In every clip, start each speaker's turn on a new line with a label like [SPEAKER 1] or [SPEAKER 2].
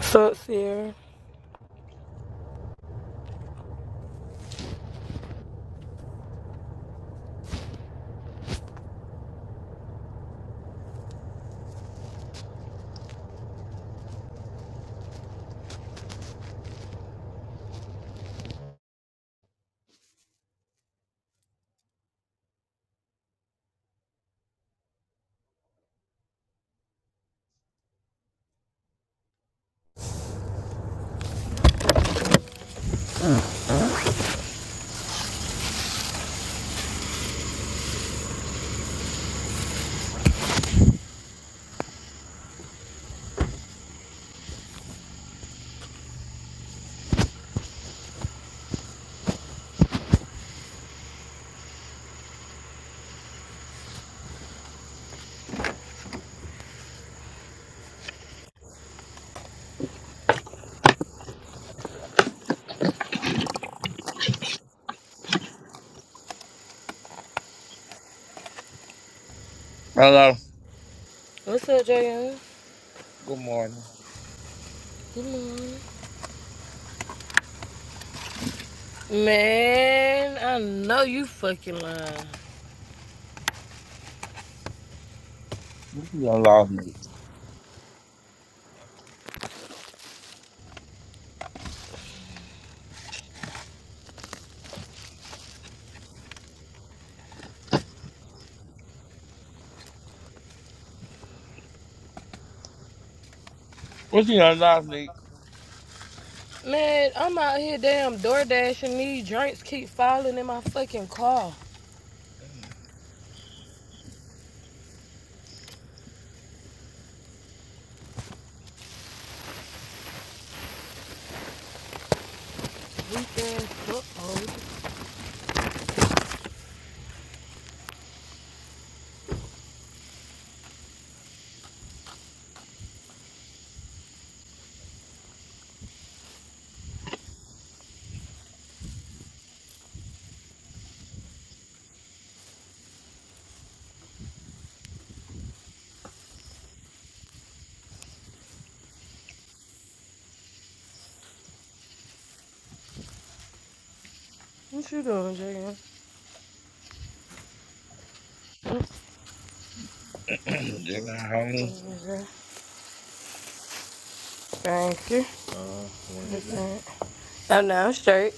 [SPEAKER 1] What's up, Sierra?
[SPEAKER 2] Hello.
[SPEAKER 1] What's up, Jayon?
[SPEAKER 2] Good morning.
[SPEAKER 1] Good morning. Man, I know you fucking lying.
[SPEAKER 2] What you done lost me? What you done lost me?
[SPEAKER 1] Man, I'm out here damn door dashing these drinks keep falling in my fucking car. Weekend, ass What you doing, Jayon?
[SPEAKER 2] Just got home.
[SPEAKER 1] Thank you. Listen, I know i straight.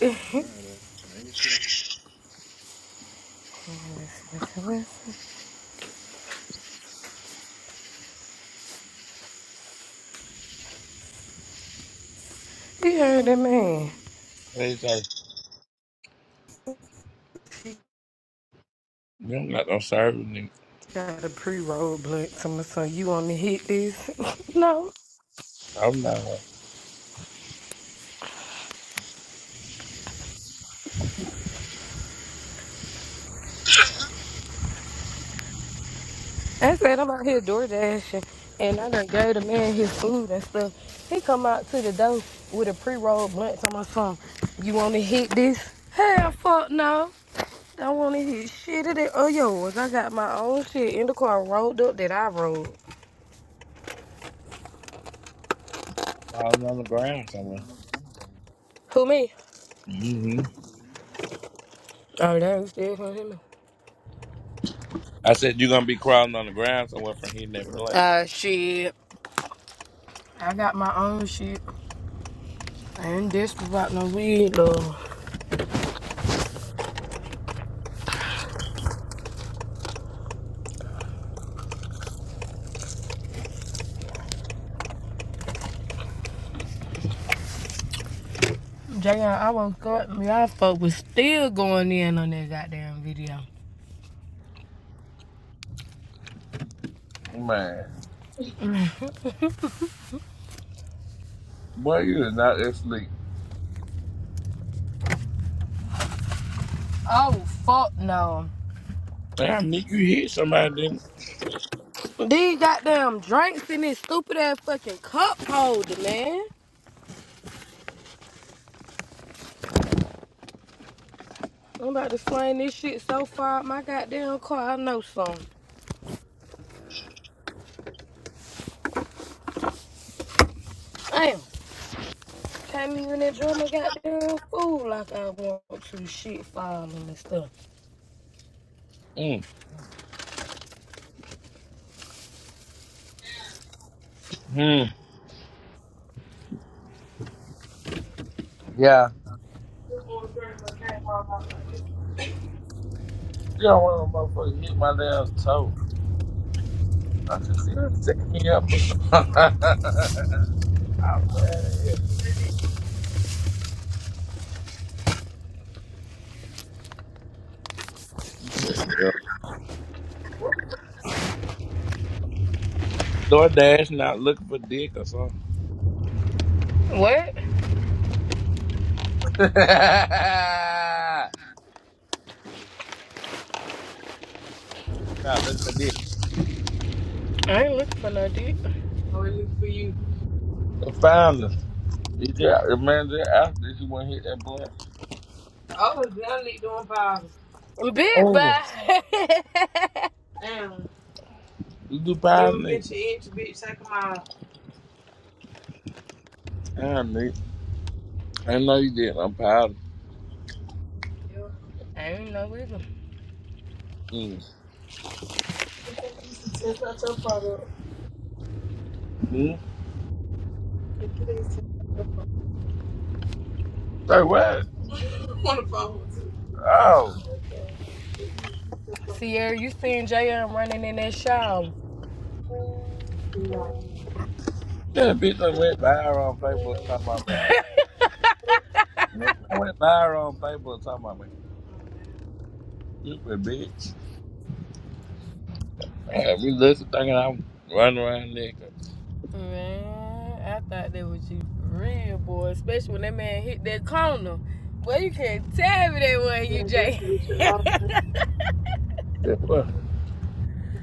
[SPEAKER 1] you heard that man.
[SPEAKER 2] They say, you don't got no service. nigga."
[SPEAKER 1] Got a pre-roll blunt, so you wanna hit this? no.
[SPEAKER 2] I'm not
[SPEAKER 1] I said I'm out here door dashing, and I done gave the man his food and stuff. He come out to the door with a pre-rolled blunt on my phone. You want to hit this? Hell, fuck no. Don't want to hit shit of that. Oh, yours. I got my own shit in the car rolled up that I rolled.
[SPEAKER 2] crawling on the ground somewhere.
[SPEAKER 1] Who me?
[SPEAKER 2] hmm
[SPEAKER 1] Oh, that was still from him.
[SPEAKER 2] I said, you going to be crawling on the ground somewhere from hitting that black.
[SPEAKER 1] Ah, shit. I got my own shit. I ain't desperate about no weed, though. Jay, I woke up, y'all fuck was still going in on that goddamn video.
[SPEAKER 2] Man, boy, you is not asleep.
[SPEAKER 1] Oh, fuck no.
[SPEAKER 2] Damn, Nick, you hit somebody, didn't
[SPEAKER 1] These goddamn drinks in this stupid ass fucking cup holder, man. I'm about to sling this shit so far out my goddamn car. I know some. Damn, can't even enjoy my goddamn food like I want to. Shit falling and stuff.
[SPEAKER 2] mm. mm. Yeah. You don't want no motherfucker hit my damn toe. I should see her set me up or something. I'm mad at you. DoorDash not looking for dick or something.
[SPEAKER 1] What?
[SPEAKER 2] oh, You out looking for dick.
[SPEAKER 1] I ain't looking for no dick.
[SPEAKER 2] it look for you. I found her. He just, the man just asked if she want to hit that blunt. Oh, now Nick doing powder.
[SPEAKER 1] Big bye.
[SPEAKER 2] Oh.
[SPEAKER 1] I
[SPEAKER 2] Damn. You do Never powder, Never Nick? been to inch, bitch. Take a mile. Damn, Nick. I know you did. I'm powder.
[SPEAKER 1] ain't no reason.
[SPEAKER 2] Mm. Yep. Mm. It's not your product. Mm. It's not your product. Say what? want to follow too. Oh.
[SPEAKER 1] Sierra, you seen JM running in that shower.
[SPEAKER 2] No. Yeah, bitch that went viral on Facebook talking about me. Bitch done went viral on Facebook talking about me. Stupid bitch. Man, we listen thinking I'm running around naked.
[SPEAKER 1] Man, I thought that was you for real, boy. Especially when that man hit that corner. Well, you can't tell me that was
[SPEAKER 2] Yeah,
[SPEAKER 1] you,
[SPEAKER 2] what
[SPEAKER 1] Jay.
[SPEAKER 2] you should
[SPEAKER 1] yeah,
[SPEAKER 2] all Shit, what?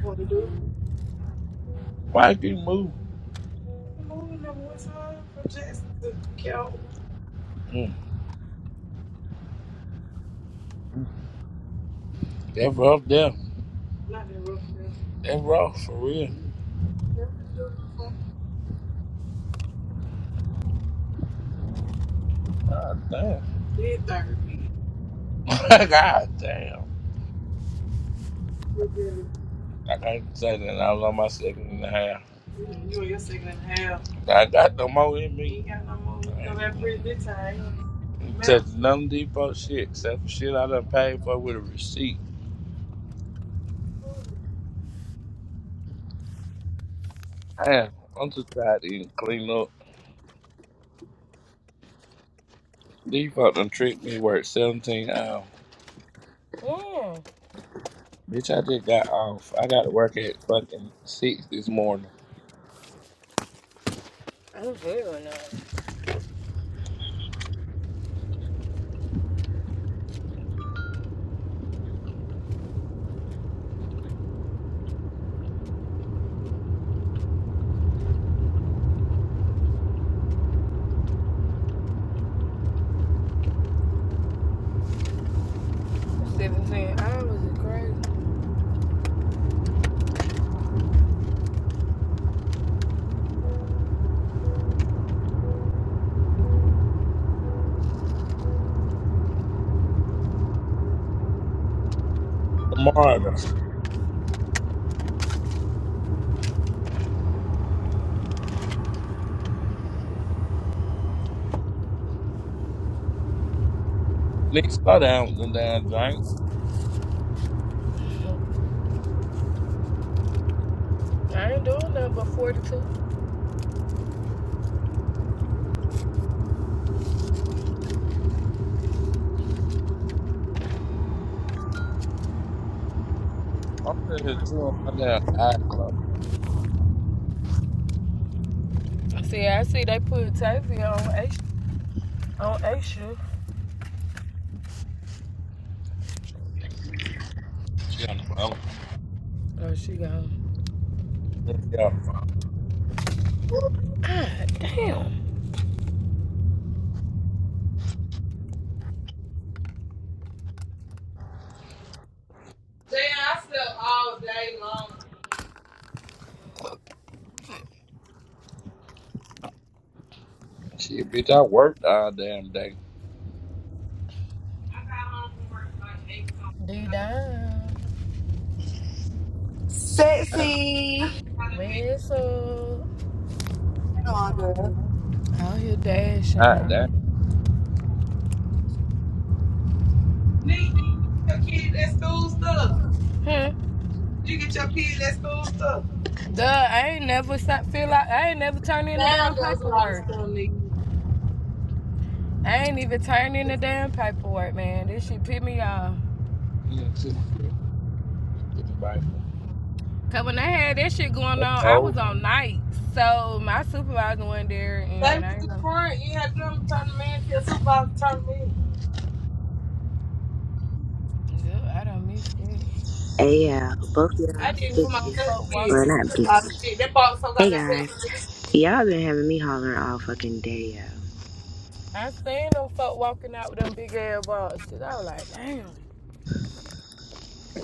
[SPEAKER 2] want to do. Why you keep moving? from one time from Jackson to Calvin. Mm, that's rough there. Not that rough there. That's rough for real. That was rough. God damn. Did therapy. God damn. I can't say that. I was on my second and a half. Mm, You on your second and a half. I got no more in You me. You ain't got no more. I You ain't know that prison this time. You going touching none of these shit except for shit I done paid for with a receipt. Damn, I'm too tired to even clean up. These done tricked me work 17 hours. Bitch, I just got off. I got to work at fucking 6 this morning.
[SPEAKER 1] I'm very nice. Seventeen hours is crazy.
[SPEAKER 2] Tomorrow, though. Nick, slow down with them damn drink.
[SPEAKER 1] I ain't doing nothing but forty-two.
[SPEAKER 2] I'm just chewing my damn eye closed.
[SPEAKER 1] see. I see they put Tavy on A on A shift.
[SPEAKER 2] She on the phone.
[SPEAKER 1] Oh, she gone.
[SPEAKER 2] She on the phone.
[SPEAKER 1] Damn.
[SPEAKER 2] Damn, I slept all day long. Shit, bitch, I worked all damn day. I got home from work like 8
[SPEAKER 1] D
[SPEAKER 2] something.
[SPEAKER 1] down.
[SPEAKER 2] Damn. I
[SPEAKER 3] Sexy.
[SPEAKER 2] just got
[SPEAKER 1] Whistle.
[SPEAKER 3] Hang on, girl.
[SPEAKER 1] Out here dashing,
[SPEAKER 2] to bed. God damn.
[SPEAKER 1] honey.
[SPEAKER 2] Nee, did you get your kid that school stuff?
[SPEAKER 1] Huh?
[SPEAKER 2] Did you get your kid that school stuff?
[SPEAKER 1] Duh, I ain't never feel like I ain't never turned in the
[SPEAKER 2] Damn,
[SPEAKER 1] damn
[SPEAKER 2] there was a lot of
[SPEAKER 1] paperwork.
[SPEAKER 2] stuff, Nee.
[SPEAKER 1] I ain't even turned in the damn paperwork, man. This shit pissed me off.
[SPEAKER 2] Yeah, too. Somebody.
[SPEAKER 1] Cause when they had that shit going on,
[SPEAKER 2] That's
[SPEAKER 1] I
[SPEAKER 2] old.
[SPEAKER 1] was on night. So my supervisor went there
[SPEAKER 2] They was
[SPEAKER 1] and I
[SPEAKER 2] in the
[SPEAKER 1] know.
[SPEAKER 2] front. You had to do them turn them in. Your supervisor turned them in.
[SPEAKER 1] Duh, I done missed it.
[SPEAKER 4] Hey y'all, both y'all
[SPEAKER 2] I
[SPEAKER 1] I
[SPEAKER 2] did it for
[SPEAKER 1] seen
[SPEAKER 2] my
[SPEAKER 1] them
[SPEAKER 2] cousin's
[SPEAKER 4] bitches.
[SPEAKER 1] folk walk
[SPEAKER 2] kid.
[SPEAKER 4] Well, not
[SPEAKER 2] That was a lot of
[SPEAKER 4] bitches.
[SPEAKER 2] shit. They bought something
[SPEAKER 4] Hey
[SPEAKER 2] out of
[SPEAKER 4] guys,
[SPEAKER 2] that.
[SPEAKER 4] y'all been having me hollering all fucking day, yo.
[SPEAKER 1] I seen them folk walking out with them big ass boxes. I was like, damn.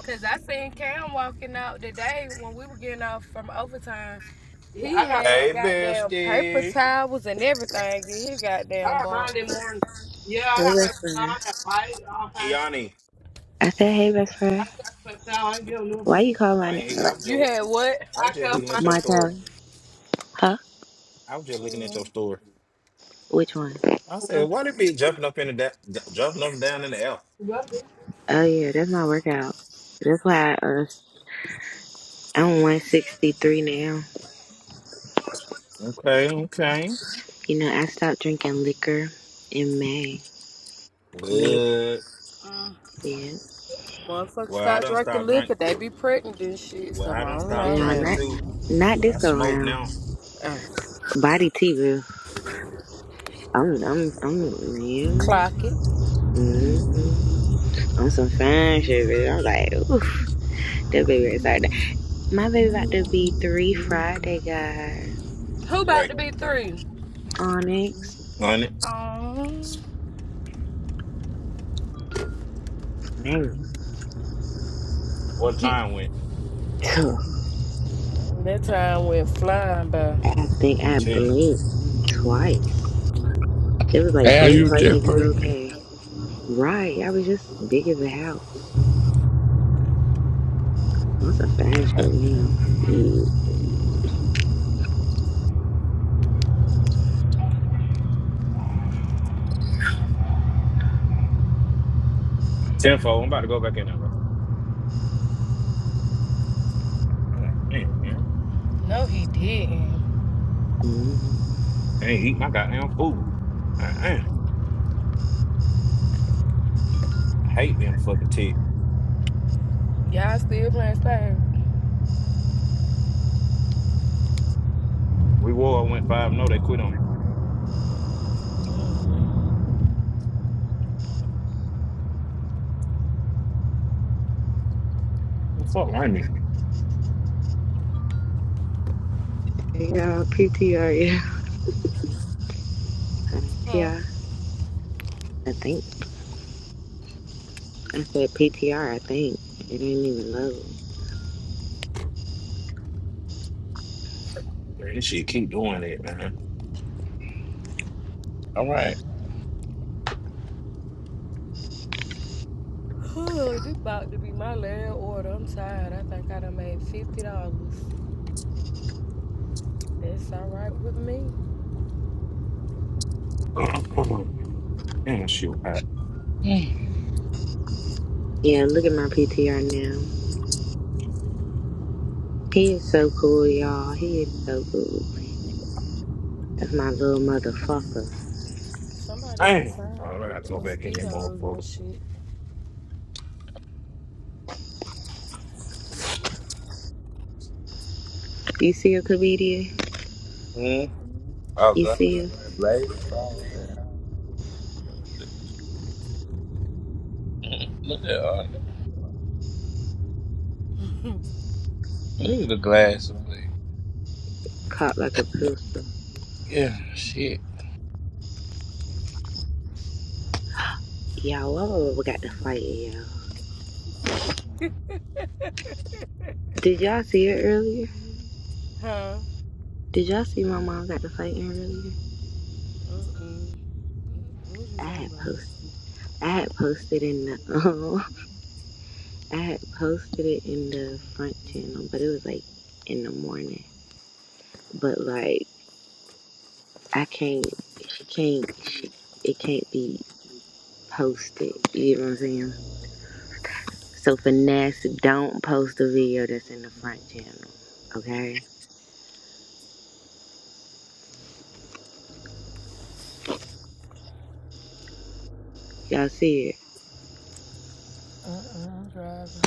[SPEAKER 1] Cause I seen Cam walking out the day when we were getting off from overtime
[SPEAKER 2] Yeah, I
[SPEAKER 1] He
[SPEAKER 2] got
[SPEAKER 1] had
[SPEAKER 5] Hey,
[SPEAKER 1] goddamn paper
[SPEAKER 5] bestie.
[SPEAKER 1] towels and everything in his
[SPEAKER 2] I
[SPEAKER 1] goddamn
[SPEAKER 2] got mine Monday
[SPEAKER 1] box.
[SPEAKER 2] morning. Yeah, I
[SPEAKER 4] Hey,
[SPEAKER 2] got
[SPEAKER 4] best
[SPEAKER 2] PayPal.
[SPEAKER 4] friend,
[SPEAKER 2] I got white, all kinds of shit.
[SPEAKER 5] Kiani.
[SPEAKER 4] I said, hey best
[SPEAKER 2] I
[SPEAKER 4] friend,
[SPEAKER 2] cut PayPal. I ain't giving them.
[SPEAKER 4] why you call
[SPEAKER 5] Oh,
[SPEAKER 4] my
[SPEAKER 5] I
[SPEAKER 4] name
[SPEAKER 5] ain't here. I'm just,
[SPEAKER 1] You had what?
[SPEAKER 5] I
[SPEAKER 2] I
[SPEAKER 5] was just
[SPEAKER 2] cut
[SPEAKER 5] looking
[SPEAKER 2] mine. I
[SPEAKER 5] at your
[SPEAKER 2] ain't
[SPEAKER 5] story.
[SPEAKER 4] Martelli? Huh?
[SPEAKER 5] I was just looking at
[SPEAKER 1] Mm.
[SPEAKER 5] your story.
[SPEAKER 4] Which one?
[SPEAKER 5] I
[SPEAKER 2] giving them.
[SPEAKER 5] said, why they be jumping up in the da- ju- jumping up and down in the air?
[SPEAKER 2] You got me?
[SPEAKER 4] Oh yeah, that's my workout. That's why I, uh, I'm 163 now.
[SPEAKER 5] Okay, okay.
[SPEAKER 4] You know, I stopped drinking liquor in May. May,
[SPEAKER 5] Good.
[SPEAKER 1] Mm.
[SPEAKER 4] yeah.
[SPEAKER 1] Motherfuckers
[SPEAKER 5] Well, I
[SPEAKER 1] stop
[SPEAKER 5] done
[SPEAKER 1] drinking
[SPEAKER 5] stopped drink.
[SPEAKER 1] liquor, they be pregnant and shit.
[SPEAKER 5] Well,
[SPEAKER 1] So
[SPEAKER 5] I
[SPEAKER 1] I
[SPEAKER 5] done
[SPEAKER 1] don't
[SPEAKER 4] You
[SPEAKER 5] stopped
[SPEAKER 1] know
[SPEAKER 4] know,
[SPEAKER 5] drinking
[SPEAKER 4] not
[SPEAKER 5] too,
[SPEAKER 1] him.
[SPEAKER 4] not
[SPEAKER 5] but
[SPEAKER 4] this
[SPEAKER 5] I
[SPEAKER 4] go
[SPEAKER 5] smoke
[SPEAKER 4] round.
[SPEAKER 5] now.
[SPEAKER 1] Uh,
[SPEAKER 4] Body tea, boo. I'm, I'm, I'm, yeah.
[SPEAKER 1] clock it.
[SPEAKER 4] hmm on some fun shit, bitch. I'm like, oof, that baby is out there. My baby about to be three Friday, guys.
[SPEAKER 1] Who about
[SPEAKER 5] Right.
[SPEAKER 1] to be three?
[SPEAKER 4] Onyx,
[SPEAKER 5] On it.
[SPEAKER 1] Um,
[SPEAKER 4] man,
[SPEAKER 5] What time went?
[SPEAKER 1] that time went flying by.
[SPEAKER 4] I think
[SPEAKER 5] I'm
[SPEAKER 4] I
[SPEAKER 5] telling you.
[SPEAKER 4] blinked twice. It was like
[SPEAKER 2] And
[SPEAKER 4] blink
[SPEAKER 2] you
[SPEAKER 4] twice
[SPEAKER 2] just
[SPEAKER 4] if you
[SPEAKER 2] pregnant.
[SPEAKER 4] okay. Right, I was just big as a house. On some fine shit now. Mm-hmm.
[SPEAKER 5] Tenfold. I'm about to go back in there, bro. God Damn, man.
[SPEAKER 1] No, he didn't.
[SPEAKER 5] I ain't eat my goddamn food. God damn. I hate being a fucking tick.
[SPEAKER 1] Y'all still playing style?
[SPEAKER 5] We wore, I went five. No, they quit on me. What's up, Remy?
[SPEAKER 4] Yeah, PTR, yeah,
[SPEAKER 1] Hmm.
[SPEAKER 4] yeah. I think I said P T R. I think it ain't even low.
[SPEAKER 5] Man, This shit keep doing it, man.
[SPEAKER 2] All right.
[SPEAKER 1] Oh, this about to be my last order. I'm tired. I think I done made fifty dollars. That's all right with me.
[SPEAKER 5] Damn, shit hot.
[SPEAKER 4] Yeah, look at my PTR now. He is so cool, y'all. He is so cool. That's my little motherfucker.
[SPEAKER 1] Somebody
[SPEAKER 5] Damn. All right,
[SPEAKER 1] outside
[SPEAKER 5] I
[SPEAKER 1] with
[SPEAKER 5] gotta
[SPEAKER 1] the
[SPEAKER 5] go back in that
[SPEAKER 1] mosquitoes and
[SPEAKER 5] motherfucker.
[SPEAKER 1] shit.
[SPEAKER 4] You see a comedian?
[SPEAKER 2] Mm-hmm. I was
[SPEAKER 4] You
[SPEAKER 2] like,
[SPEAKER 4] see him?
[SPEAKER 2] late. Oh, damn. Look at all that. Look at the glasses, please.
[SPEAKER 4] Caught like a pistol.
[SPEAKER 2] Yeah, shit.
[SPEAKER 4] Y'all, why would we got to fight, y'all? Did y'all see it earlier?
[SPEAKER 1] huh?
[SPEAKER 4] Did y'all see my mom got to fighting earlier?
[SPEAKER 1] Mm-mm. What you
[SPEAKER 4] I
[SPEAKER 1] talking
[SPEAKER 4] had
[SPEAKER 1] about?
[SPEAKER 4] posted. I had posted in the um, I had posted it in the front channel, but it was like in the morning. But like I can't, she can't, she, it can't be posted. You know what I'm saying? So finesse, don't post the video that's in the front channel. Okay? Y'all see it.
[SPEAKER 1] Uh-uh, I'm driving.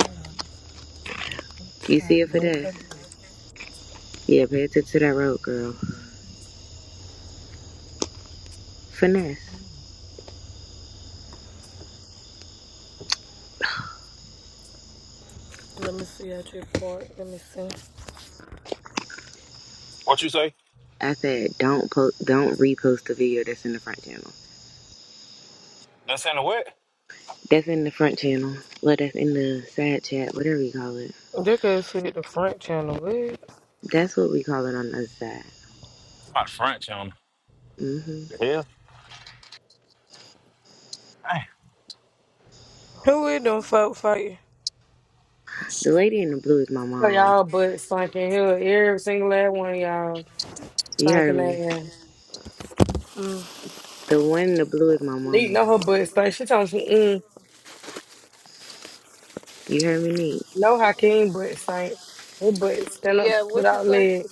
[SPEAKER 1] I'm
[SPEAKER 4] You see
[SPEAKER 1] trying to
[SPEAKER 4] it
[SPEAKER 1] back
[SPEAKER 4] finesse?
[SPEAKER 1] up.
[SPEAKER 4] Yeah, pay attention to that road girl. Finesse.
[SPEAKER 1] Let me see that report. Let me see.
[SPEAKER 5] What you say?
[SPEAKER 4] I said don't post don't repost the video that's in the front channel.
[SPEAKER 5] That's in the wet?
[SPEAKER 4] That's in the front channel. Well that's in the side chat, whatever you call it.
[SPEAKER 1] They could see the front channel. What?
[SPEAKER 4] That's what we call it on the other side.
[SPEAKER 5] My French on.
[SPEAKER 4] hmm
[SPEAKER 5] The hell? Damn,
[SPEAKER 1] Who is them folk fighting?
[SPEAKER 4] The lady in the blue is my
[SPEAKER 6] So
[SPEAKER 4] mom.
[SPEAKER 6] y'all butt stinking here. Every single last one of y'all
[SPEAKER 4] You
[SPEAKER 6] stinking
[SPEAKER 4] heard
[SPEAKER 6] that
[SPEAKER 4] me.
[SPEAKER 6] ass.
[SPEAKER 1] Mm.
[SPEAKER 4] The one in the blue is my
[SPEAKER 6] Lee
[SPEAKER 4] mama.
[SPEAKER 6] know her butt stink. She told me, mm,
[SPEAKER 4] You heard me, Nick?
[SPEAKER 6] no Hakeem butt stink. Her butt stand up
[SPEAKER 1] Yeah, what you
[SPEAKER 6] without
[SPEAKER 1] say?
[SPEAKER 6] legs.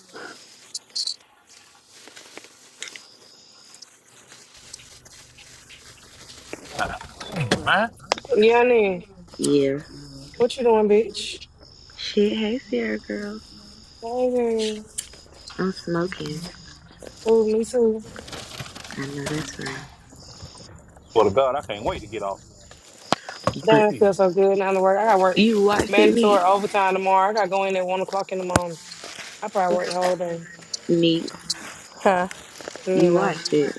[SPEAKER 5] God damn, man.
[SPEAKER 6] Yeah, then
[SPEAKER 4] Yeah.
[SPEAKER 6] what you doing, bitch?
[SPEAKER 4] Shit, hey, Sierra girl.
[SPEAKER 6] Hey,
[SPEAKER 4] I'm smoking.
[SPEAKER 6] oh, me too.
[SPEAKER 4] I know that's right.
[SPEAKER 5] Swear to God, I can't wait to get off.
[SPEAKER 4] But
[SPEAKER 6] Damn, I
[SPEAKER 5] Shit.
[SPEAKER 6] feel so good. Now to work. I got work
[SPEAKER 4] you watched it,
[SPEAKER 6] mandatory
[SPEAKER 4] neat,
[SPEAKER 6] overtime tomorrow. I got to go in at one o'clock in the morning. I probably work the whole day.
[SPEAKER 4] neat.
[SPEAKER 1] Huh?
[SPEAKER 6] Mm, You
[SPEAKER 4] You
[SPEAKER 6] know.
[SPEAKER 4] watched it.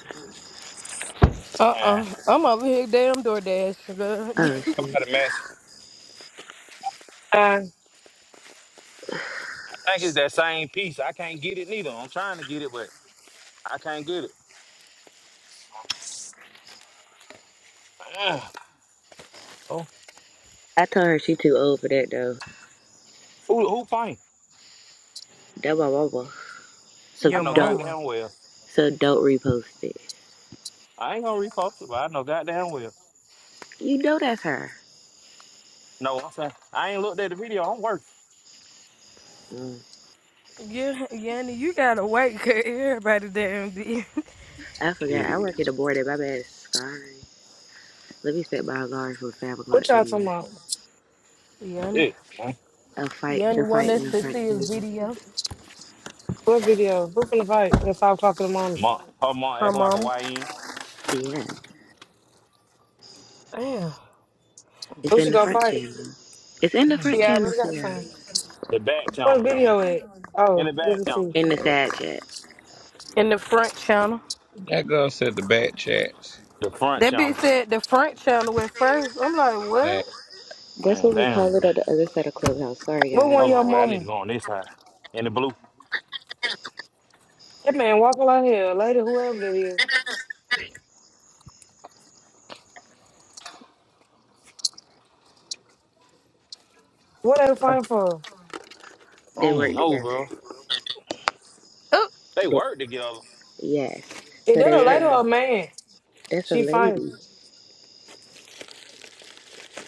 [SPEAKER 1] Uh
[SPEAKER 5] Man,
[SPEAKER 1] uh i am over here damn DoorDash. girl.
[SPEAKER 4] Oh
[SPEAKER 5] how
[SPEAKER 4] shit!
[SPEAKER 5] about it, mess?
[SPEAKER 6] Uh,
[SPEAKER 5] I think it's that same piece. I can't get it neither. I'm trying to get it, but I can't get it. Ugh. Oh,
[SPEAKER 4] I told her she too old for that though.
[SPEAKER 5] who, who fine?
[SPEAKER 4] That my mama. So
[SPEAKER 5] I
[SPEAKER 1] Your
[SPEAKER 5] know
[SPEAKER 4] dope.
[SPEAKER 1] mama.
[SPEAKER 5] goddamn well.
[SPEAKER 4] So dope repost it.
[SPEAKER 5] I ain't gonna repost it, but I know goddamn well.
[SPEAKER 4] You know that's her.
[SPEAKER 5] No, I'm saying I ain't looked at the video. I'm working.
[SPEAKER 4] Mm.
[SPEAKER 1] yeah, Yanni, you gotta wait 'cause everybody damn be.
[SPEAKER 4] I forgot. I
[SPEAKER 5] Shit.
[SPEAKER 4] work in the morning. My bad. Sorry. Let me set my alarm for five o'clock
[SPEAKER 6] what y'all talking
[SPEAKER 4] anyway.
[SPEAKER 6] about?
[SPEAKER 1] Yanni,
[SPEAKER 5] Shit, man.
[SPEAKER 4] A fight.
[SPEAKER 1] Yanni
[SPEAKER 4] The
[SPEAKER 1] want
[SPEAKER 4] fight in
[SPEAKER 1] us
[SPEAKER 4] the
[SPEAKER 1] to
[SPEAKER 4] front
[SPEAKER 1] see his
[SPEAKER 4] channel.
[SPEAKER 1] video.
[SPEAKER 6] What video? Who finna fight at five o'clock in the morning?
[SPEAKER 5] Mom, her mom
[SPEAKER 1] Her
[SPEAKER 5] acting like
[SPEAKER 1] mama.
[SPEAKER 5] a YN.
[SPEAKER 4] Yeah,
[SPEAKER 1] Damn.
[SPEAKER 4] it's
[SPEAKER 6] Who
[SPEAKER 4] in
[SPEAKER 6] should
[SPEAKER 4] the
[SPEAKER 6] go
[SPEAKER 4] front
[SPEAKER 6] fight?
[SPEAKER 4] channel. It's in the front
[SPEAKER 1] She
[SPEAKER 4] channel,
[SPEAKER 1] already got
[SPEAKER 4] Sierra.
[SPEAKER 1] signed.
[SPEAKER 5] The back
[SPEAKER 6] What
[SPEAKER 5] channel, man.
[SPEAKER 6] video it?
[SPEAKER 5] In
[SPEAKER 6] Oh,
[SPEAKER 5] the
[SPEAKER 6] let
[SPEAKER 5] back
[SPEAKER 6] me
[SPEAKER 5] channel.
[SPEAKER 6] see.
[SPEAKER 4] In the side chat.
[SPEAKER 1] In the front channel.
[SPEAKER 2] That girl said the back chats.
[SPEAKER 5] The front
[SPEAKER 1] That
[SPEAKER 5] channel.
[SPEAKER 1] bitch said the front channel went first. I'm like,
[SPEAKER 2] Man.
[SPEAKER 1] what?
[SPEAKER 4] That's
[SPEAKER 5] Man,
[SPEAKER 4] what we call
[SPEAKER 5] damn.
[SPEAKER 4] it on the other side of Clubhouse. Sorry,
[SPEAKER 6] What one
[SPEAKER 5] Hold
[SPEAKER 4] guys.
[SPEAKER 6] your
[SPEAKER 5] on, wait. I need to
[SPEAKER 6] mama?
[SPEAKER 5] go on this side. In the blue.
[SPEAKER 6] That man walking like hell, lady, whoever that is. What they
[SPEAKER 5] I
[SPEAKER 6] fighting for?
[SPEAKER 4] They
[SPEAKER 5] don't
[SPEAKER 4] work
[SPEAKER 5] know,
[SPEAKER 4] together.
[SPEAKER 5] bro.
[SPEAKER 1] Oh,
[SPEAKER 5] They work together.
[SPEAKER 4] Yes.
[SPEAKER 6] Is
[SPEAKER 4] So
[SPEAKER 6] that
[SPEAKER 4] they
[SPEAKER 6] a
[SPEAKER 4] were.
[SPEAKER 6] lady or
[SPEAKER 5] Man.
[SPEAKER 6] a man?
[SPEAKER 4] That's a
[SPEAKER 6] She fighting.
[SPEAKER 4] lady.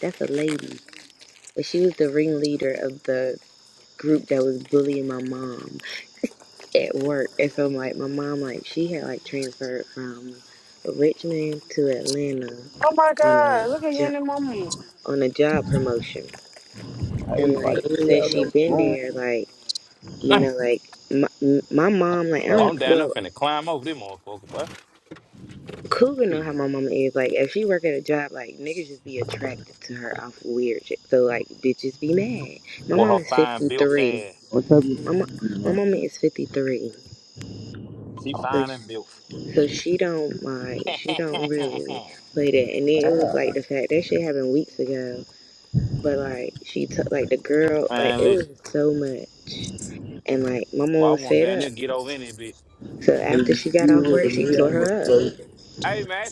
[SPEAKER 4] That's a lady. And she was the ringleader of the group that was bullying my mom at work. And so, like, my mom, like, she had like transferred from Richmond to Atlanta
[SPEAKER 6] Oh my
[SPEAKER 4] on a
[SPEAKER 6] God, look at
[SPEAKER 4] job
[SPEAKER 6] Yanni mama.
[SPEAKER 4] on a job promotion.
[SPEAKER 7] Hey,
[SPEAKER 4] And
[SPEAKER 7] why the
[SPEAKER 4] like,
[SPEAKER 7] hell
[SPEAKER 4] since
[SPEAKER 7] y'all
[SPEAKER 4] she
[SPEAKER 7] got
[SPEAKER 4] been
[SPEAKER 7] wrong?
[SPEAKER 4] there, like, you
[SPEAKER 5] Damn.
[SPEAKER 4] know, like my, my mom, like, I
[SPEAKER 5] Well,
[SPEAKER 4] don't.
[SPEAKER 5] I'm down there
[SPEAKER 4] Well,
[SPEAKER 5] finna climb over this motherfucker, boy.
[SPEAKER 4] Cougar know
[SPEAKER 5] Shit.
[SPEAKER 4] how my mama is. Like, if she work at a job, like niggas just be attracted to her off weird shit. So like, bitches be mad. My
[SPEAKER 5] With
[SPEAKER 4] mom
[SPEAKER 5] her
[SPEAKER 4] is
[SPEAKER 5] fine
[SPEAKER 4] fifty
[SPEAKER 5] built
[SPEAKER 4] three.
[SPEAKER 5] ass.
[SPEAKER 7] What's up?
[SPEAKER 4] My mo- my mama is fifty three.
[SPEAKER 5] She
[SPEAKER 4] So
[SPEAKER 5] fine and built.
[SPEAKER 4] so she don't like she don't really play that. And then it was like the fact that shit happened weeks ago. But like she took like the girl like
[SPEAKER 5] man,
[SPEAKER 4] it was
[SPEAKER 5] listen.
[SPEAKER 4] so much. And like my mom
[SPEAKER 5] Well, I
[SPEAKER 4] was
[SPEAKER 5] want
[SPEAKER 4] fed
[SPEAKER 5] down
[SPEAKER 4] up.
[SPEAKER 5] there get over in it, bitch.
[SPEAKER 4] So after she got off work, she tore her up.
[SPEAKER 5] Hey, man.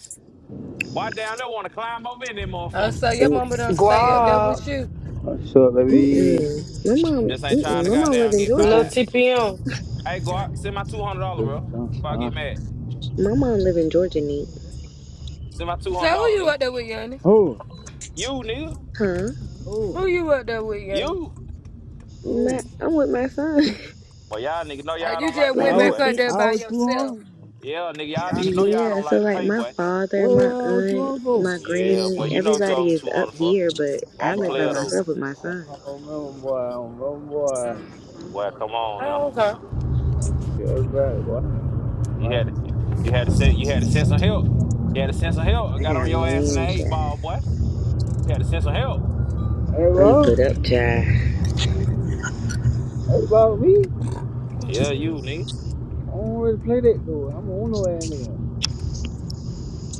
[SPEAKER 5] Why down there want to climb over in this
[SPEAKER 1] Oh,
[SPEAKER 5] motherfucker?
[SPEAKER 1] so your
[SPEAKER 4] And
[SPEAKER 1] mama don't stay up there
[SPEAKER 6] Guap.
[SPEAKER 1] with you.
[SPEAKER 7] What's up, baby?
[SPEAKER 4] mm-mm, my mom,
[SPEAKER 5] Just ain't trying
[SPEAKER 4] mm-mm,
[SPEAKER 5] to
[SPEAKER 4] my mom live
[SPEAKER 5] goddamn
[SPEAKER 4] in
[SPEAKER 5] get fired.
[SPEAKER 6] Little
[SPEAKER 4] Georgia.
[SPEAKER 6] TPM.
[SPEAKER 5] Hey, go out, send my two hundred dollar, bro. If I
[SPEAKER 7] Huh?
[SPEAKER 5] get mad,
[SPEAKER 4] My mom live in Georgia, neat.
[SPEAKER 5] send my two hundred
[SPEAKER 1] So who
[SPEAKER 5] dollar,
[SPEAKER 1] you
[SPEAKER 5] nigga.
[SPEAKER 1] up there with, Yanni?
[SPEAKER 7] Oh,
[SPEAKER 5] You, nigga,
[SPEAKER 4] Huh?
[SPEAKER 7] oh,
[SPEAKER 1] Who you up there with, Yanni?
[SPEAKER 5] you.
[SPEAKER 4] My,
[SPEAKER 7] oh.
[SPEAKER 4] I'm with my son.
[SPEAKER 5] Boy, y'all nigga know
[SPEAKER 1] Oh,
[SPEAKER 5] y'all
[SPEAKER 1] you
[SPEAKER 5] don't like
[SPEAKER 1] just
[SPEAKER 5] to
[SPEAKER 4] like
[SPEAKER 1] went
[SPEAKER 5] pay,
[SPEAKER 4] my
[SPEAKER 7] How,
[SPEAKER 1] back
[SPEAKER 5] boy.
[SPEAKER 1] up
[SPEAKER 4] fa-
[SPEAKER 1] there
[SPEAKER 7] how
[SPEAKER 1] by
[SPEAKER 7] was you
[SPEAKER 1] yourself.
[SPEAKER 7] home?
[SPEAKER 5] Yeah, nigga, y'all nigga know y'all
[SPEAKER 4] Yeah,
[SPEAKER 5] don't
[SPEAKER 4] so
[SPEAKER 5] like to
[SPEAKER 4] like
[SPEAKER 5] pay,
[SPEAKER 4] my
[SPEAKER 5] boy.
[SPEAKER 4] father,
[SPEAKER 7] Where
[SPEAKER 4] my
[SPEAKER 7] was you
[SPEAKER 4] aunt,
[SPEAKER 7] home for?
[SPEAKER 4] my
[SPEAKER 5] Yeah,
[SPEAKER 4] granny,
[SPEAKER 5] boy, you know what you owe
[SPEAKER 4] everybody
[SPEAKER 5] me
[SPEAKER 4] is
[SPEAKER 5] two
[SPEAKER 4] up
[SPEAKER 5] hundred for.
[SPEAKER 4] here, but
[SPEAKER 5] Well,
[SPEAKER 4] I
[SPEAKER 5] I'm a
[SPEAKER 7] Boy,
[SPEAKER 4] live
[SPEAKER 7] I
[SPEAKER 4] by
[SPEAKER 5] player though,
[SPEAKER 7] boy,
[SPEAKER 4] myself with my son.
[SPEAKER 7] I don't remember, boy. I don't remember, boy.
[SPEAKER 5] boy. Come on now.
[SPEAKER 1] Oh, okay.
[SPEAKER 7] Tell everybody, boy.
[SPEAKER 5] You
[SPEAKER 7] boy.
[SPEAKER 5] had to, you, you had to send, you had to send some help. You had to send some help. I
[SPEAKER 4] I
[SPEAKER 5] got
[SPEAKER 4] got a
[SPEAKER 5] on your ass in the
[SPEAKER 4] man
[SPEAKER 5] eight
[SPEAKER 4] child.
[SPEAKER 5] ball, boy. You had to send some help.
[SPEAKER 7] Hey,
[SPEAKER 4] I'm
[SPEAKER 7] bro.
[SPEAKER 4] put up child.
[SPEAKER 7] Hey, about me.
[SPEAKER 5] Yeah, you, nigga.
[SPEAKER 7] I don't really play that, though. I'm on no ass nigga.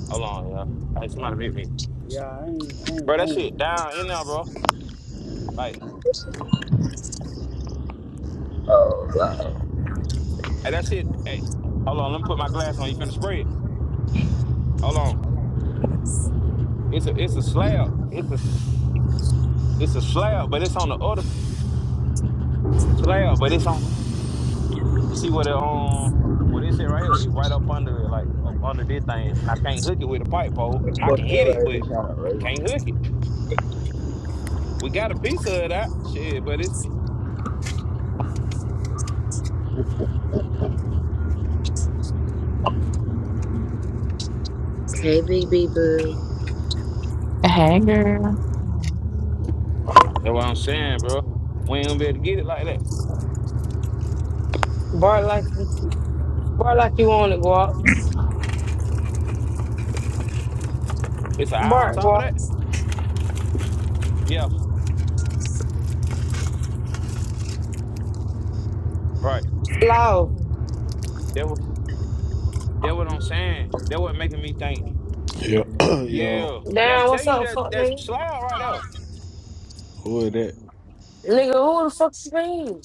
[SPEAKER 5] Hold on, yeah. Hey, somebody
[SPEAKER 7] I'm,
[SPEAKER 5] beat me,
[SPEAKER 7] yeah, I ain't, I ain't,
[SPEAKER 5] bro. That shit
[SPEAKER 7] I
[SPEAKER 5] down in there, bro. Like
[SPEAKER 2] Oh, no.
[SPEAKER 5] Hey, that shit, hey, hold on, let me put my glass on. You finna spray it. Hold on. It's a it's a slab. It's a it's a slab, but it's on the other it's a slab, but it's on like you see what it um what is it right here? It right up under it, like up under this thing. And I can't hook it with a pipe pole.
[SPEAKER 7] ain't.
[SPEAKER 5] I
[SPEAKER 7] Fuck
[SPEAKER 5] can hit it,
[SPEAKER 7] everybody,
[SPEAKER 5] but
[SPEAKER 7] just trying to
[SPEAKER 5] I
[SPEAKER 7] raise
[SPEAKER 5] can't hook it. We got a piece of that shit, but it's
[SPEAKER 4] Hey, Big B Boo.
[SPEAKER 8] Hey,
[SPEAKER 5] that's what I'm saying, bro. We ain't gonna be able to get it like that.
[SPEAKER 6] Bark like bark like you want it, Guap.
[SPEAKER 5] It's an eye on
[SPEAKER 6] Bark,
[SPEAKER 5] top of
[SPEAKER 6] Guap.
[SPEAKER 5] that. Yeah, right.
[SPEAKER 6] Loud.
[SPEAKER 5] That what that what I'm saying. That what making me think.
[SPEAKER 9] Yo, yo,
[SPEAKER 5] Yeah. Yeah, I'm
[SPEAKER 6] Damn, what's
[SPEAKER 5] telling you
[SPEAKER 6] up,
[SPEAKER 5] that
[SPEAKER 6] fuck
[SPEAKER 5] that's
[SPEAKER 6] nigga?
[SPEAKER 5] slide right there.
[SPEAKER 9] who is that?
[SPEAKER 6] Nigga, who the fuck you mean?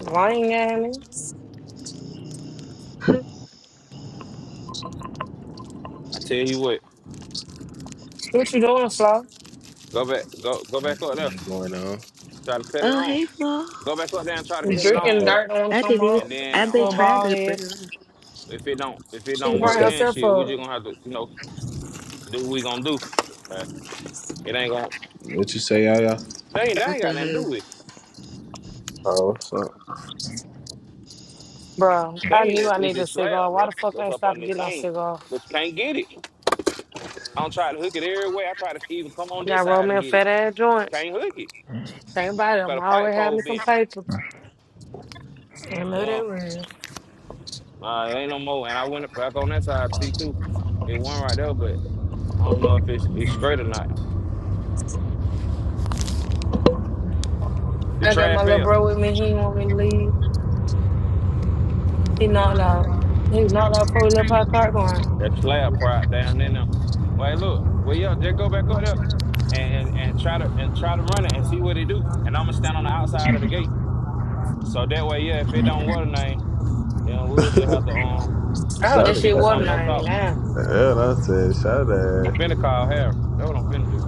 [SPEAKER 6] Lying at me.
[SPEAKER 5] I tell you what.
[SPEAKER 6] What you doing, Slaw?
[SPEAKER 5] Go back, go go
[SPEAKER 9] Ain't
[SPEAKER 5] back up there.
[SPEAKER 9] nothing going on?
[SPEAKER 5] Try to cut it
[SPEAKER 4] Oh,
[SPEAKER 5] on.
[SPEAKER 4] hey, Flo.
[SPEAKER 5] Go back up there and try to cut
[SPEAKER 9] What's
[SPEAKER 5] it
[SPEAKER 9] up?
[SPEAKER 5] on,
[SPEAKER 6] Drinking
[SPEAKER 9] Hey,
[SPEAKER 5] bro.
[SPEAKER 6] dirt, don't want to
[SPEAKER 4] I
[SPEAKER 6] come
[SPEAKER 4] didn't even.
[SPEAKER 5] And
[SPEAKER 6] up.
[SPEAKER 4] I
[SPEAKER 5] then
[SPEAKER 4] they
[SPEAKER 6] Little
[SPEAKER 5] um
[SPEAKER 4] tried
[SPEAKER 6] bald
[SPEAKER 4] to
[SPEAKER 6] head.
[SPEAKER 4] bring her. up.
[SPEAKER 5] if it don't if it
[SPEAKER 6] She
[SPEAKER 5] don't
[SPEAKER 6] can
[SPEAKER 9] what you
[SPEAKER 6] burn
[SPEAKER 5] work
[SPEAKER 9] say?
[SPEAKER 5] then
[SPEAKER 6] herself
[SPEAKER 5] shit, we just
[SPEAKER 6] up.
[SPEAKER 5] gonna have to, you know, do what we gonna do. Uh, It ain't gonna
[SPEAKER 9] What you say, y'all?
[SPEAKER 5] thing they
[SPEAKER 4] I
[SPEAKER 5] ain't got
[SPEAKER 4] said,
[SPEAKER 5] nothing to
[SPEAKER 4] hey.
[SPEAKER 5] do with it.
[SPEAKER 9] Oh, what's up?
[SPEAKER 6] Bro, I
[SPEAKER 5] Thing
[SPEAKER 6] knew
[SPEAKER 5] is
[SPEAKER 6] I
[SPEAKER 5] is
[SPEAKER 6] needed
[SPEAKER 5] the
[SPEAKER 6] a
[SPEAKER 5] slab,
[SPEAKER 6] cigar. Why
[SPEAKER 5] bro.
[SPEAKER 6] the fuck I
[SPEAKER 5] That's
[SPEAKER 6] ain't
[SPEAKER 5] up
[SPEAKER 6] stopped
[SPEAKER 5] on the
[SPEAKER 6] getting no
[SPEAKER 5] thing.
[SPEAKER 6] cigar?
[SPEAKER 5] But you can't get it. I don't try to hook it every way. I try to even come on this
[SPEAKER 6] Got roll
[SPEAKER 5] side
[SPEAKER 6] me
[SPEAKER 5] and
[SPEAKER 6] a
[SPEAKER 5] get it.
[SPEAKER 6] fat ass joint.
[SPEAKER 5] Can't hook it.
[SPEAKER 6] Think about it.
[SPEAKER 5] Got
[SPEAKER 6] I'm
[SPEAKER 5] a pipe
[SPEAKER 6] always
[SPEAKER 5] pole
[SPEAKER 6] having me some
[SPEAKER 5] bent.
[SPEAKER 6] paper.
[SPEAKER 1] I know
[SPEAKER 5] Um,
[SPEAKER 1] that real.
[SPEAKER 5] Uh, it ain't no more. And I went back on that side to see too. It went right there, but I don't know if it's, it's straight or not. The
[SPEAKER 6] I got
[SPEAKER 5] trash
[SPEAKER 6] my little
[SPEAKER 5] fell.
[SPEAKER 6] bro with me. He did want me to leave. He knocked out. He was knocked out before we left our car going.
[SPEAKER 5] That slab part down in there. Wait, look. Well, yeah, just go back up there and, and, and try to and try to run it and see what it do. And I'm gonna stand on the outside of the gate. So that way, yeah, if it don't water name, then we'll just have to um
[SPEAKER 6] Oh,
[SPEAKER 9] Shout
[SPEAKER 6] that
[SPEAKER 9] it
[SPEAKER 6] shit
[SPEAKER 5] figure
[SPEAKER 9] out,
[SPEAKER 6] water
[SPEAKER 5] something
[SPEAKER 9] man.
[SPEAKER 5] else
[SPEAKER 6] nine
[SPEAKER 5] out.
[SPEAKER 6] down.
[SPEAKER 9] Yeah, that's it. Shout
[SPEAKER 5] I'm
[SPEAKER 9] out.
[SPEAKER 5] finna call Harry. That's what I'm finna do.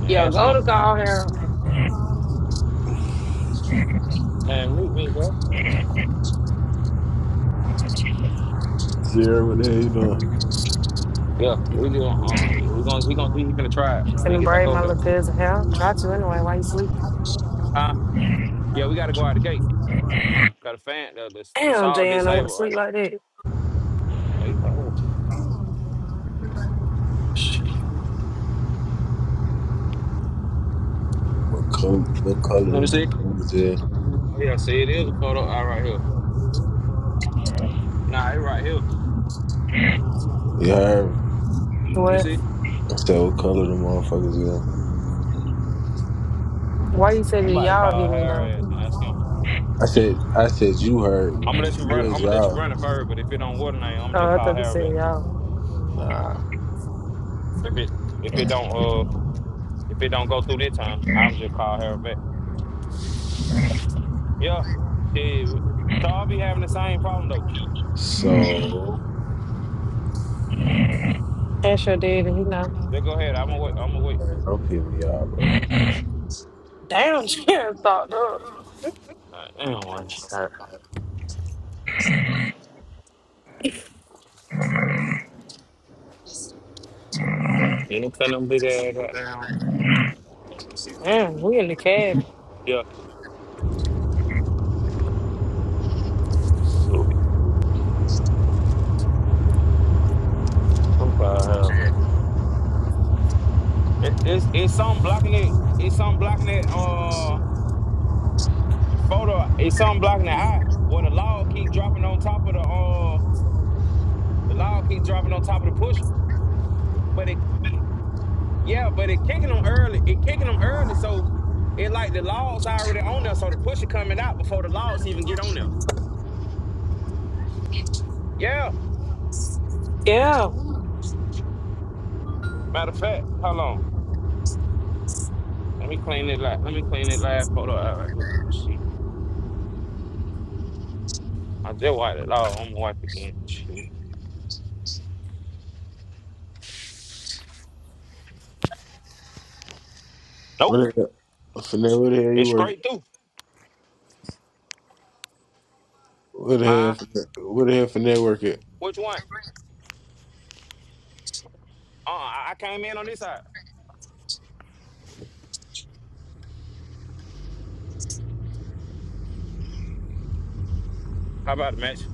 [SPEAKER 5] And
[SPEAKER 6] Yo,
[SPEAKER 5] ask
[SPEAKER 6] go
[SPEAKER 5] him.
[SPEAKER 6] to call here.
[SPEAKER 5] Man, meet me, bro.
[SPEAKER 9] Sierra, what the hell you doing?
[SPEAKER 5] Yeah, we gonna uh, we gonna we gonna see he finna try it when he
[SPEAKER 6] Finna
[SPEAKER 5] get back
[SPEAKER 6] braid my
[SPEAKER 5] over there.
[SPEAKER 6] little cousin hair. Try to anyway while you sleep.
[SPEAKER 5] Huh? Yeah, we gotta go out the gate. Got a fan. Uh, the the
[SPEAKER 6] Damn,
[SPEAKER 5] saw
[SPEAKER 6] Jan, I want to
[SPEAKER 5] disabled right
[SPEAKER 6] sleep
[SPEAKER 5] now.
[SPEAKER 6] like that.
[SPEAKER 5] Hey, Oh, you right here. Shh.
[SPEAKER 9] What color? What color the
[SPEAKER 5] Let me see.
[SPEAKER 9] motherfuckers is?
[SPEAKER 5] Oh yeah, see it is a photo eye right here. Nah, it right here.
[SPEAKER 9] You heard me.
[SPEAKER 5] Let me
[SPEAKER 6] What?
[SPEAKER 5] see.
[SPEAKER 9] I said, what color the motherfuckers is?
[SPEAKER 6] Why you said
[SPEAKER 5] I'm
[SPEAKER 6] that
[SPEAKER 5] about to
[SPEAKER 6] y'all hit
[SPEAKER 5] call
[SPEAKER 6] me though?
[SPEAKER 5] Harry and ask him.
[SPEAKER 9] I said, I said, you heard me.
[SPEAKER 5] I'm gonna let you run.
[SPEAKER 9] Who is
[SPEAKER 5] I'm gonna let you
[SPEAKER 9] y'all?
[SPEAKER 5] run it first, but if it don't work, then I'm gonna just
[SPEAKER 6] Oh, I
[SPEAKER 5] call
[SPEAKER 6] thought you
[SPEAKER 5] Harry
[SPEAKER 6] said
[SPEAKER 5] back.
[SPEAKER 6] y'all.
[SPEAKER 9] Nah,
[SPEAKER 5] If it if
[SPEAKER 9] I'm
[SPEAKER 5] it
[SPEAKER 9] talking.
[SPEAKER 5] don't uh if it don't go through this time, I'm just call Harry back. Yeah. Yeah. So I'll be having the same problem though.
[SPEAKER 9] So,
[SPEAKER 6] That's your daddy. He know.
[SPEAKER 5] Then go ahead. I'm gonna wait. I'm gonna wait.
[SPEAKER 9] man, don't piss me off, bro.
[SPEAKER 6] Damn, she done thought up.
[SPEAKER 5] All right, damn, what? All right. You ain't putting them big ass right now.
[SPEAKER 6] Mm, we in the cab.
[SPEAKER 5] Yeah. I'm tired of her, but it, it's it's something blocking it. It's something blocking it. Uh, photo. It's something blocking the eye. Well, the log keep dropping on top of the uh, the log keep dropping on top of the pusher. But it, yeah, but it kicking them early. It kicking them early, so it like the logs already on there, so the pusher coming out before the logs even get on there. Yeah.
[SPEAKER 6] Yeah.
[SPEAKER 5] Matter of fact, hold on. Let me clean it. Like, let me clean it last photo out right quick. See, I just wiped it log. I'm gonna wipe again. Shit. Nope.
[SPEAKER 9] What the hell? Finette, what the hell you
[SPEAKER 5] It's
[SPEAKER 9] working?
[SPEAKER 5] straight through.
[SPEAKER 9] Where the
[SPEAKER 5] Huh?
[SPEAKER 9] hell, where the hell for network at?
[SPEAKER 5] Which one? Uh, I I came in on this side. How about it, Match?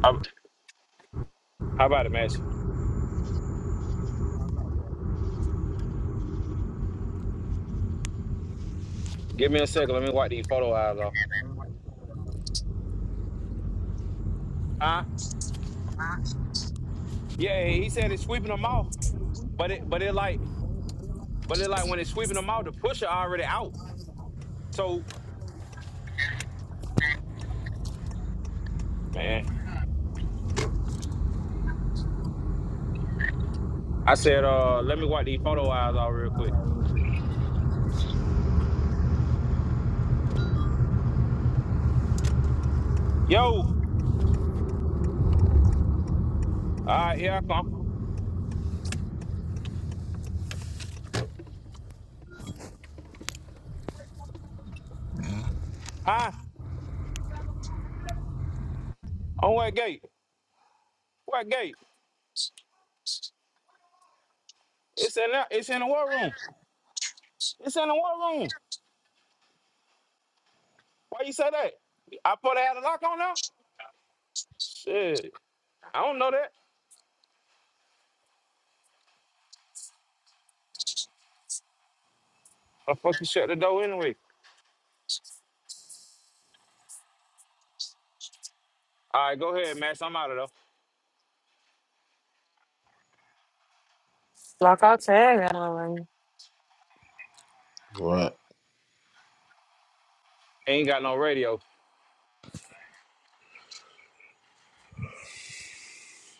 [SPEAKER 5] How, how about it, Match? Give me a second. Let me wipe these photo eyes off. Uh,
[SPEAKER 1] Thank
[SPEAKER 5] yeah, he he said it's sweeping them off, but it, but it like, but it like when it's sweeping them off, the pusher already out. So man, I said, uh, let me wipe these photo eyes off real quick.
[SPEAKER 1] you.
[SPEAKER 5] Yo, all right, here I come. Huh? On what gate? What gate? It's in there. It's in the war room. It's in the war room. Why you say that? I put out a lock on now. Shit, I don't know that. How the fuck you shut the door anyway? All right, go ahead, Max. I'm out of though.
[SPEAKER 6] Like I said, I don't know.
[SPEAKER 9] What?
[SPEAKER 5] Ain't got no radio.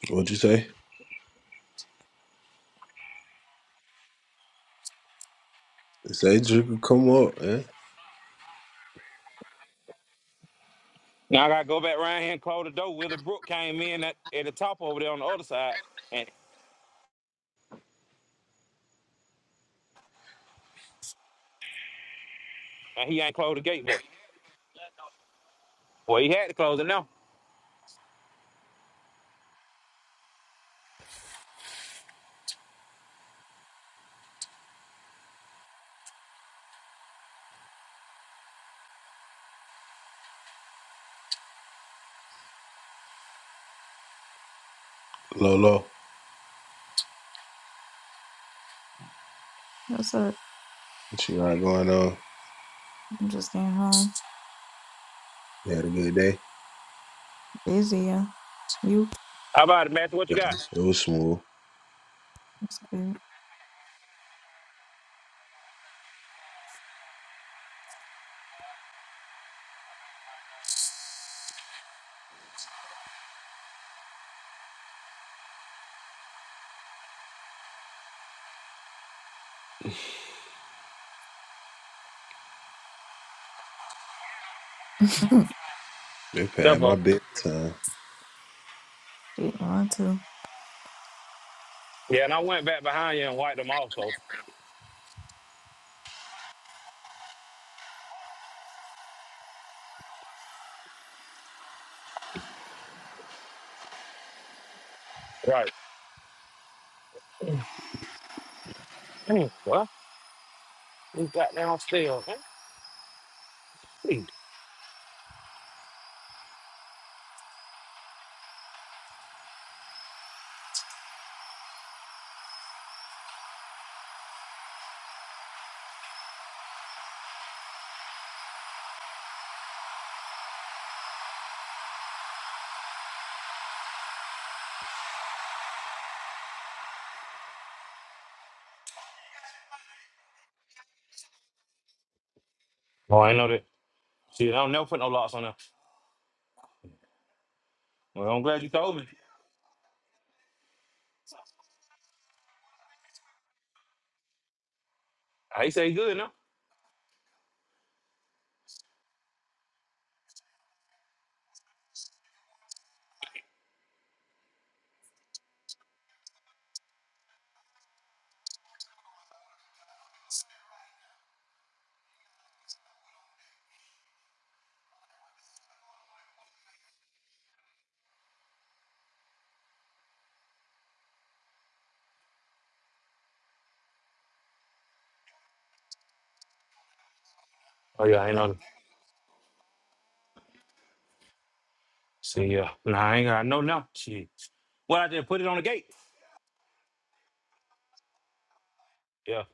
[SPEAKER 9] What'd you say? Say Jigga, come up, eh?
[SPEAKER 5] Now I gotta go back round here and close the door. Willie Brook came in at, at the top over there on the other side, and, and he ain't closed the gate back. Well, he had to close it now.
[SPEAKER 9] Lolo,
[SPEAKER 10] What's up?
[SPEAKER 9] what you got going on?
[SPEAKER 10] I'm just getting home.
[SPEAKER 9] You had a good day?
[SPEAKER 10] Busy, yeah. You?
[SPEAKER 5] How about it, Max? What you
[SPEAKER 9] Yeah,
[SPEAKER 5] got?
[SPEAKER 9] it was smooth.
[SPEAKER 10] That's good.
[SPEAKER 9] It passed my
[SPEAKER 5] Stefo.
[SPEAKER 9] bedtime.
[SPEAKER 10] Shit, mine too.
[SPEAKER 5] Yeah, and I went back behind you and wiped them off. So right. Hmm, well, we got downstairs. Huh? Please. Oh, I ain't know that. See, I don't never put no locks on there. Well, I'm glad you told me. I ain't say good now. Oh yeah, I ain't know. That. See, yeah, nah, I ain't got no now. Shit. Well, I just put it on the gate. Yeah.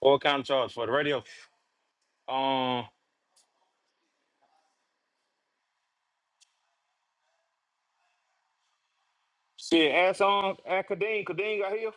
[SPEAKER 5] All kind of charge for the radio. Um, shit, ass on at Kadeem. Kadeem got here.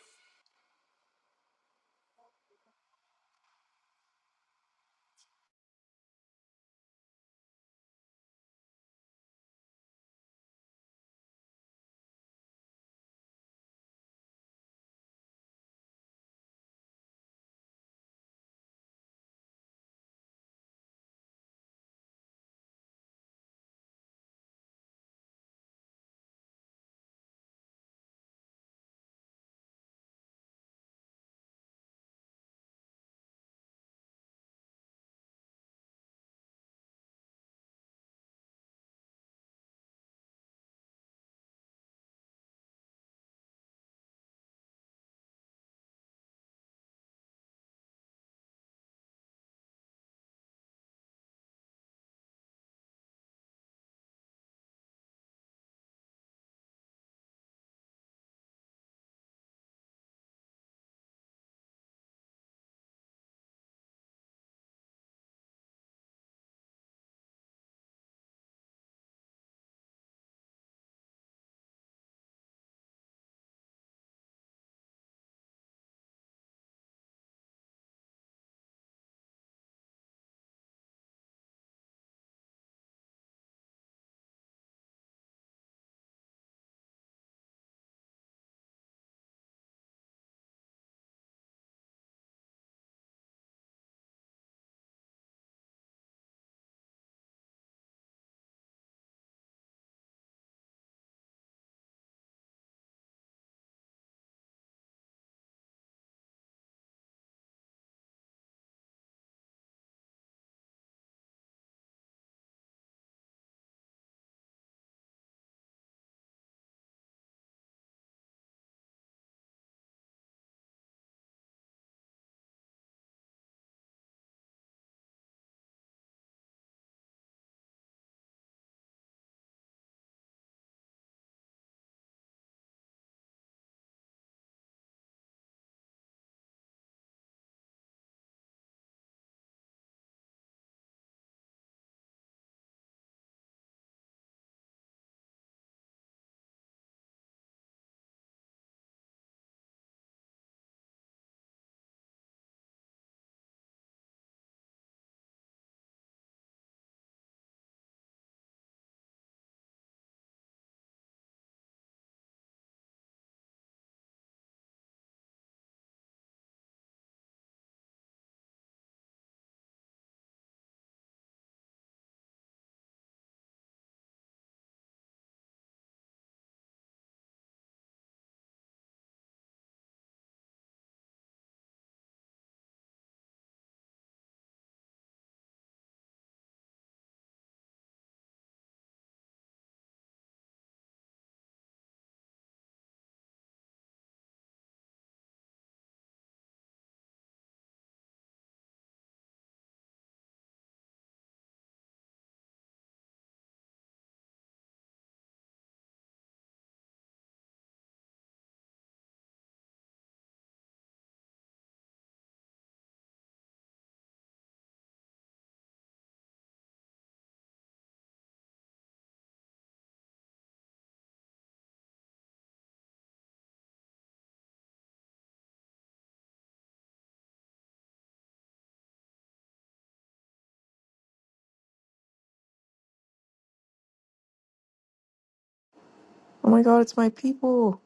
[SPEAKER 11] Oh my god, it's my people.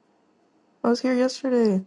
[SPEAKER 11] I was here yesterday.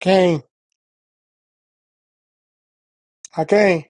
[SPEAKER 12] Okay, okay.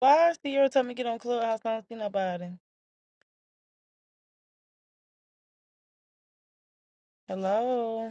[SPEAKER 13] Why is Sierra telling me to get on Clubhouse? I don't see nobody. Hello.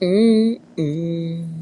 [SPEAKER 14] Mm-mm.